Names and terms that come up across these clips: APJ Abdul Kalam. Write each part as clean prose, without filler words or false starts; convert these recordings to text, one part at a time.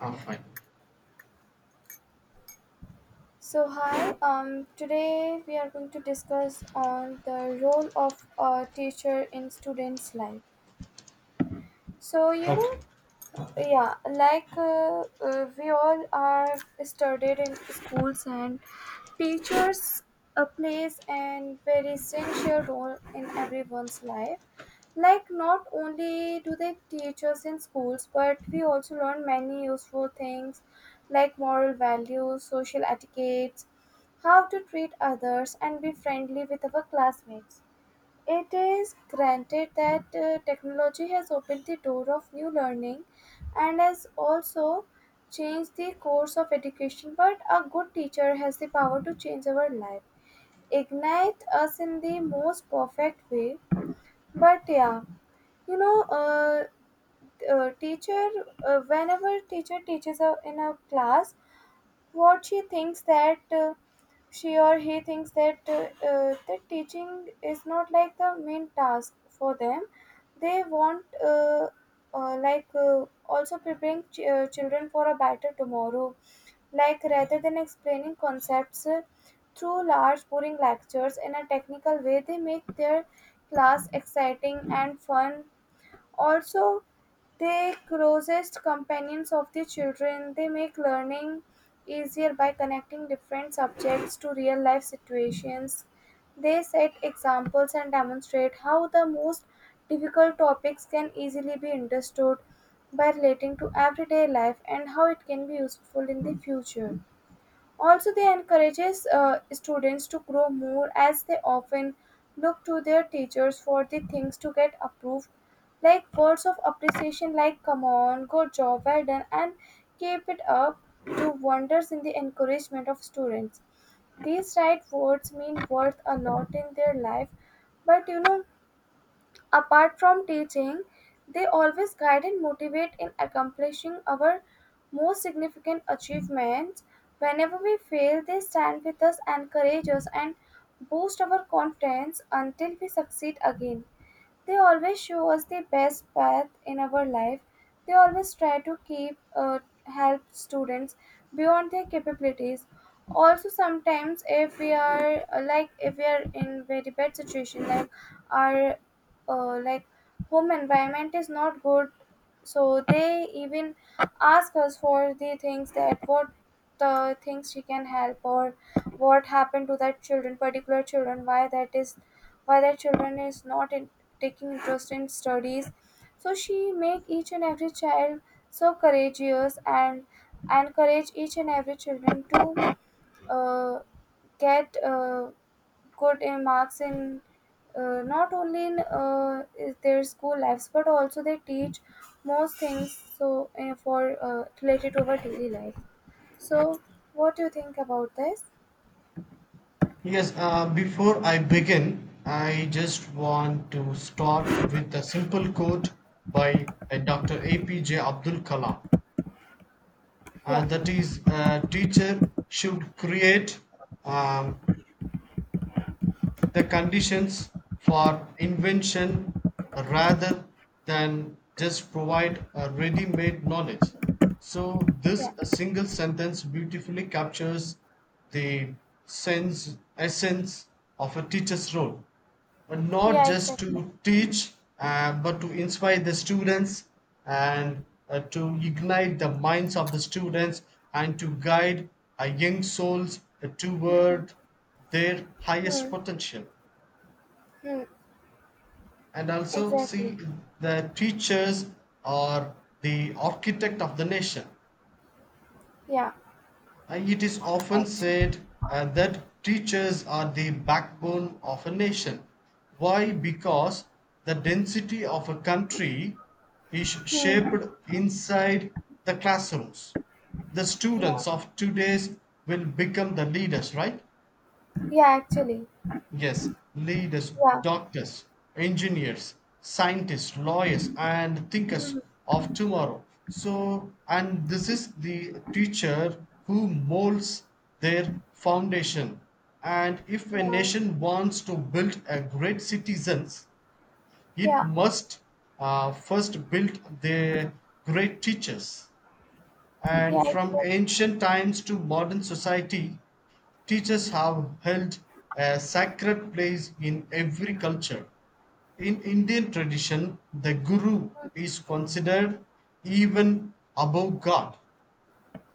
Ah, fine. So hi, today we are going to discuss on the role of a teacher in students' life. So you Okay. know, we all are studied in schools and teachers plays an very essential role in everyone's life, like not only do they teach us in schools but we also learn many useful things like moral values, social etiquettes, how to treat others and be friendly with our classmates. It is granted that technology has opened the door of new learning and has also changed the course of education, but a good teacher has the power to change our life, ignite us in the most perfect way. But yeah, you know, teacher, Whenever teacher teaches in a class, what she thinks that she or he thinks that that teaching is not like the main task for them. They want also preparing children for a better tomorrow. Like rather than explaining concepts through large boring lectures in a technical way, they make their class exciting and fun. Also, they closest companions of the children, they make learning easier by connecting different subjects to real life situations. They set examples and demonstrate how the most difficult topics can easily be understood by relating to everyday life and how it can be useful in the future. Also, they encourages students to grow more as they often look to their teachers for the things to get approved, like words of appreciation like come on, good job, well done, and keep it up do wonders in the encouragement of students. These right words mean worth a lot in their life, but Apart from teaching, they always guide and motivate in accomplishing our most significant achievements. Whenever we fail, they stand with us, encourage us, and boost our confidence until we succeed again. They always show us the best path in our life. They always try to keep help students beyond their capabilities. Also, sometimes if we are like if we are in very bad situation, like our uh, like home environment is not good, so they even ask us for the things that what the things she can help or what happened to that children, particular children, why that is, why that children is not in taking interest in studies. So she make each and every child so courageous and encourage each and every children to uh, get good in marks in, not only in is their school lives but also they teach most things so for related to our daily life. So what do you think about this? Yes, before I begin, I just want to start with a simple quote by Dr. APJ Abdul Kalam. Yeah, That is, a teacher should create um, the conditions for invention rather than just provide a ready-made knowledge. So this yeah, a single sentence beautifully captures the sense essence of a teacher's role and not yeah, just exactly. to teach, but to inspire the students and to ignite the minds of the students and to guide young souls Hmm, hmm, toward their highest hmm, potential. hmm, And also, exactly. see, the teachers are the architect of the nation. Yeah, It is often actually. said that teachers are the backbone of a nation. Why? Because the density of a country is Hmm. shaped inside the classrooms. The Yeah. students of today's will become the leaders, right? Yeah, actually. Yes, leaders, Yeah. doctors, engineers, scientists, lawyers, and thinkers Mhm. of tomorrow. So, and this is the teacher who molds their foundation. And if a Yeah. nation wants to build a great citizens, it Yeah. must first build the great teachers. Yeah, And exact. from ancient times to modern society, teachers have held a sacred place in every culture. In Indian tradition, the guru is considered even above God.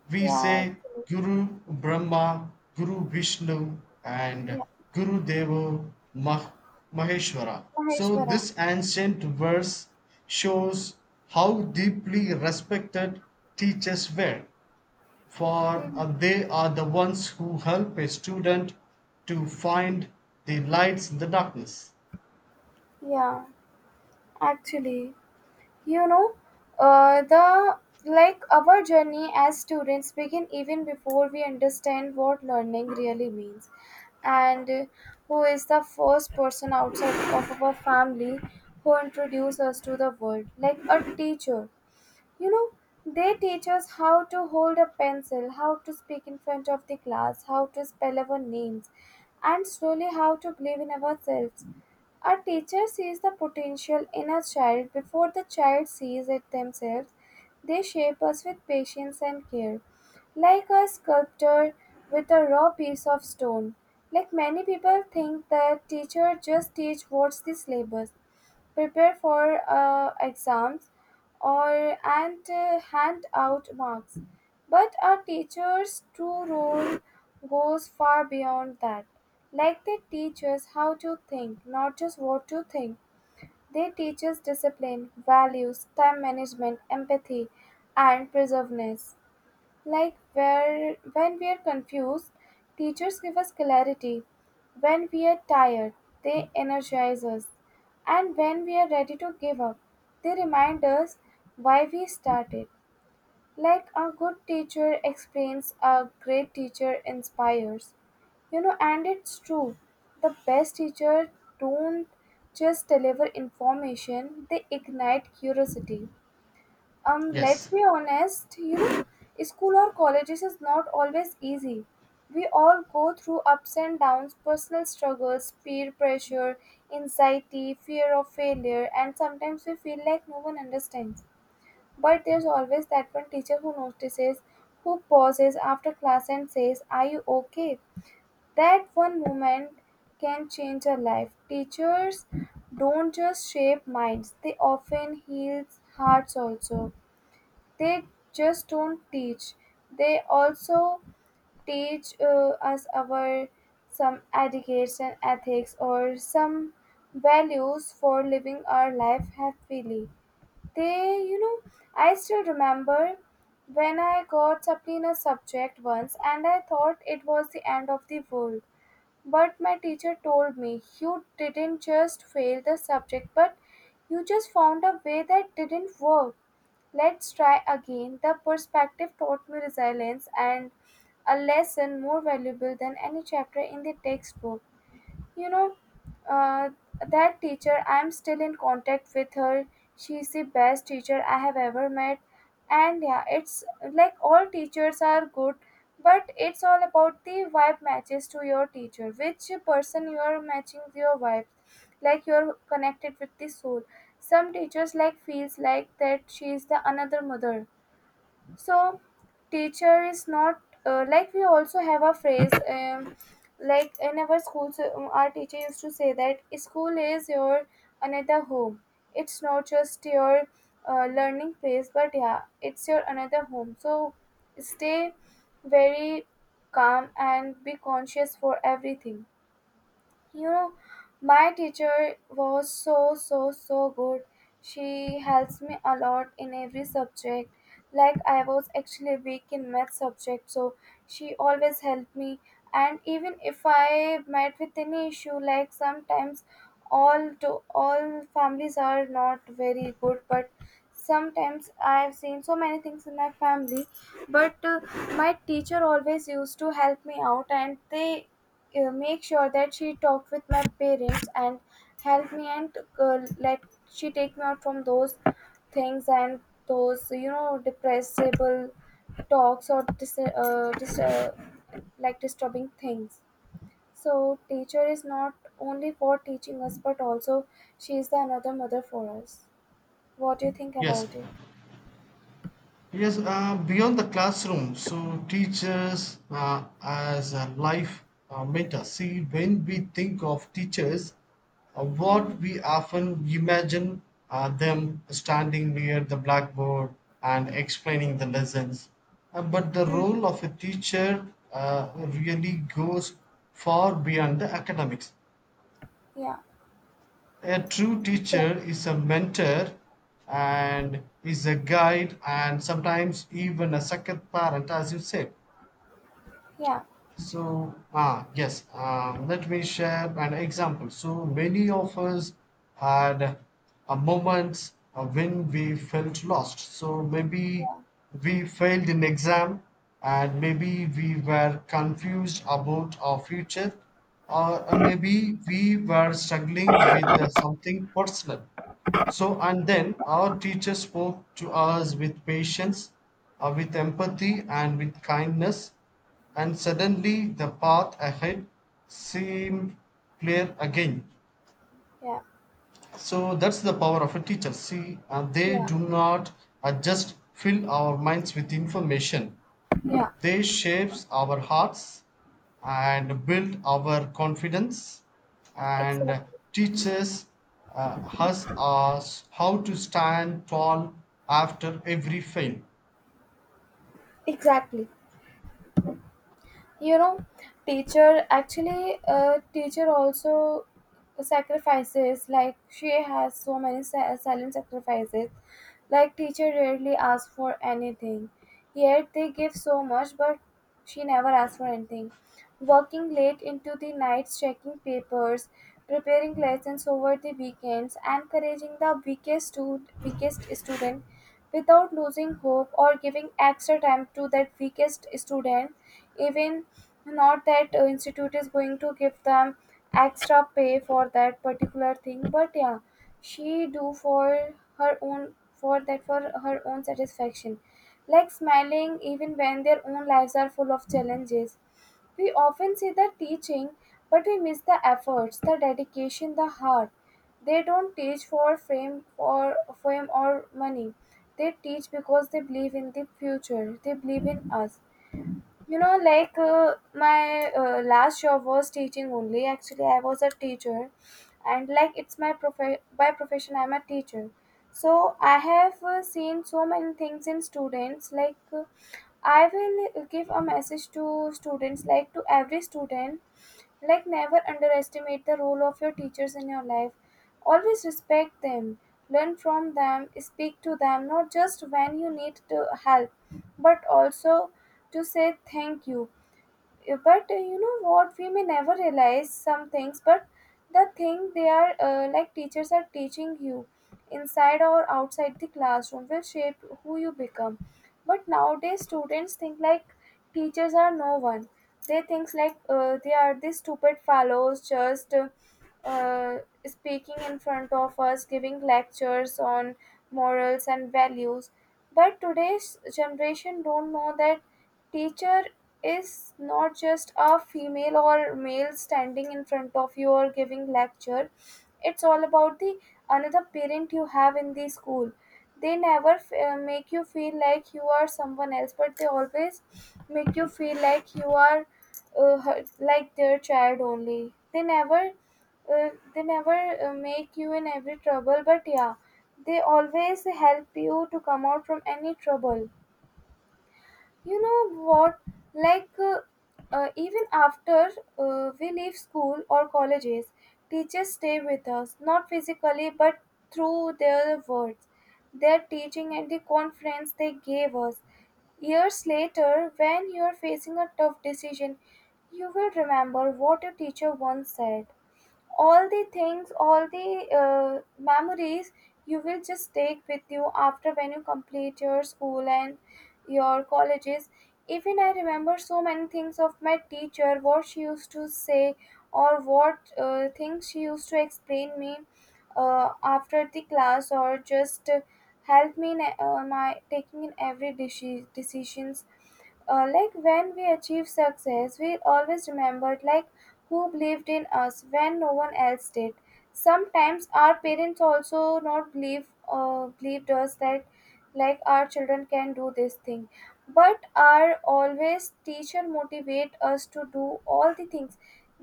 We Yeah, say actually. Guru Brahma, Guru Vishnu, and Yeah. Guru Deva Mah- Maheshwara. So, Maheshwara. this ancient verse shows how deeply respected teachers were. For Mhm. They are the ones who help a student to find the lights in the darkness. Yeah. Actually, you know, the like our journey as students begin even before we understand what learning really means, and who is the first person outside of our family who introduced us to the world? Like a teacher, you know, they teach us how to hold a pencil, how to speak in front of the class, how to spell our names, and slowly how to believe in ourselves. Our teacher sees the potential in a child before the child sees it themselves. They shape us with patience and care, like a sculptor with a raw piece of stone. Like many people think that teacher just teach what's the syllabus, prepare for exams, or and hand out marks, but our teachers true role goes far beyond that. Like they teach us how to think, not just what to think. They teach us discipline, values, time management, empathy, and perseverance. Like where when we are confused, teachers give us clarity. When we are tired, they energize us. And when we are ready to give up, they remind us why we started. Like a good teacher explains, a great teacher inspires. You know, and it's true. The best teacher don't just deliver information, they ignite curiosity. Let's Yes, be honest, you know, school or colleges is not always easy. We all go through ups and downs, personal struggles, peer pressure, anxiety, fear of failure, and sometimes we feel like no one understands. But there's always that one teacher who notices, who pauses after class and says, "Are you okay?" That one moment can change a life. Teachers don't just shape minds, they often heal hearts also. They just don't teach. They also teach us our some etiquettes and ethics or some values for living our life happily. They, you know, I still remember when I got supply in a subject once and I thought it was the end of the world. But my teacher told me, you didn't just fail the subject, but you just found a way that didn't work. Let's try again. The perspective taught me resilience and a lesson more valuable than any chapter in the textbook, you know. uh, that teacher, I'm still in contact with her. She's the best teacher I have ever met. And yeah, it's like all teachers are good, but it's all about the vibe matches to your teacher, which person you are matching your vibe, like you're connected with the soul. Some teachers like feels like that she is the another mother. So teacher is not like, we also have a phrase, like in our schools, our teacher used to say that school is your another home. It's not just your learning place, but yeah, it's your another home, so stay very calm and be conscious for everything. You know, my teacher was so, so, so good. She helps me a lot in every subject. Like I was actually weak in math subject, so she always helped me. And even if I met with any issue, like sometimes all to all families are not very good, but sometimes I've seen so many things in my family. But My teacher always used to help me out, and they make sure that she talked with my parents and helped me, and let she take me out from those things, and those, you know, depressible talks or like disturbing things. So teacher is not only for teaching us but also she is the another mother for us. What do you think yes. about it? Yes, beyond the classroom, so teachers as a life mentors. See, when we think of teachers, what Hmm, we often imagine them standing near the blackboard and explaining the lessons. But the hmm, role of a teacher really goes far beyond the academics. yeah, A true exactly. teacher is a mentor and is a guide and sometimes even a second parent, as you said. Yeah, So, ah, yes, let me share an example. So, many of us had a moments when we felt lost. So, maybe yeah, we failed in exam and maybe we were confused about our future or maybe we were struggling with something personal. So, and then yeah, our teacher spoke to us with patience, with empathy, and with kindness, and suddenly the path ahead seemed clear again. yeah, So, that's the power of a teacher. See, they yeah, do not just fill our minds with information, yeah, they shapes our hearts and build our confidence and exactly, teaches us how to stand tall after every fail. exactly. You know, teacher actually, teacher also sacrifices, like she has so many silent sacrifices. Like teacher rarely asks for anything, yet they give so much, but she never asks for anything. Working late into the nights, checking papers, preparing lessons over the weekends, encouraging the weakest, weakest student without losing hope or giving extra time to that weakest student, even not that institute is going to give them extra pay for that particular thing, but yeah, she do for her own, for that, for her own satisfaction, like smiling even when their own lives are full of challenges. We often see the teaching, but we miss the efforts, the dedication, the heart. They don't teach for fame or fame or money. They teach because they believe in the future. They believe in us. You know, like my last job was teaching only. Actually, I was a teacher, and like it's my by profession, I'm a teacher. So I have seen so many things in students, like. I will give a message to students, like to every student, like never underestimate the role of your teachers in your life. Always respect them, learn from them, speak to them not just when you need to help but also to say thank you. Yeah, but you know what, we may never realize some things, but the thing they are like teachers are teaching you inside or outside the classroom will shape who you become. But nowadays students think like teachers are no one. They think like they are these stupid fellows just uh, speaking in front of us giving lectures on morals and values. But today's generation don't know that teacher is not just a female or male standing in front of you or giving lecture. It's all about the another parent you have in the school. They never make you feel like you are someone else, but they always make you feel like you are like their child only. They never they never make you in every trouble, but yeah, they always help you to come out from any trouble. You know what? Like, uh, Even after we leave school or colleges, teachers stay with us, not physically, but through their words, their teaching, and the confidence they gave us. Years later, when you are facing a tough decision, you will remember what your teacher once said, all the things, all the memories you will just take with you after when you complete your school and your colleges. Even I remember so many things of my teacher, what she used to say, or what things she used to explain me after the class, or just help me in my taking in every decisions. Like when we achieve success, we always remembered like who believed in us when no one else did. Sometimes our parents also not believe believed us that like our children can do this thing, but our always teacher motivate us to do all the things,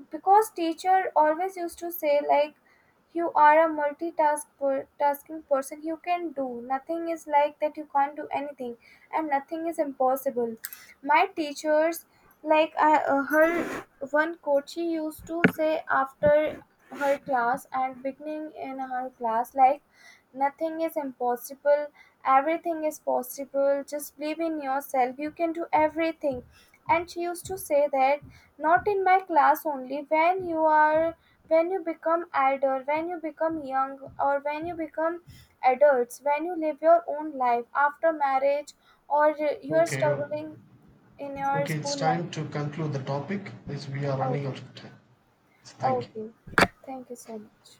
because teacher always used to say like you are a multitask tasking person, you can do, nothing is like that you can't do anything, and nothing is impossible. My teachers, like I, her one coach, she used to say after her class and beginning in her class, like nothing is impossible, everything is possible. Just believe in yourself. You can do everything. And she used to say that not in my class only. When you are, when you become elder, when you become young, or when you become adults, when you live your own life after marriage, or you're Okay, struggling in your okay, it's school life. time to conclude the topic as we are Oh, running okay. out of time. Oh, Thank you. okay, thank you so much.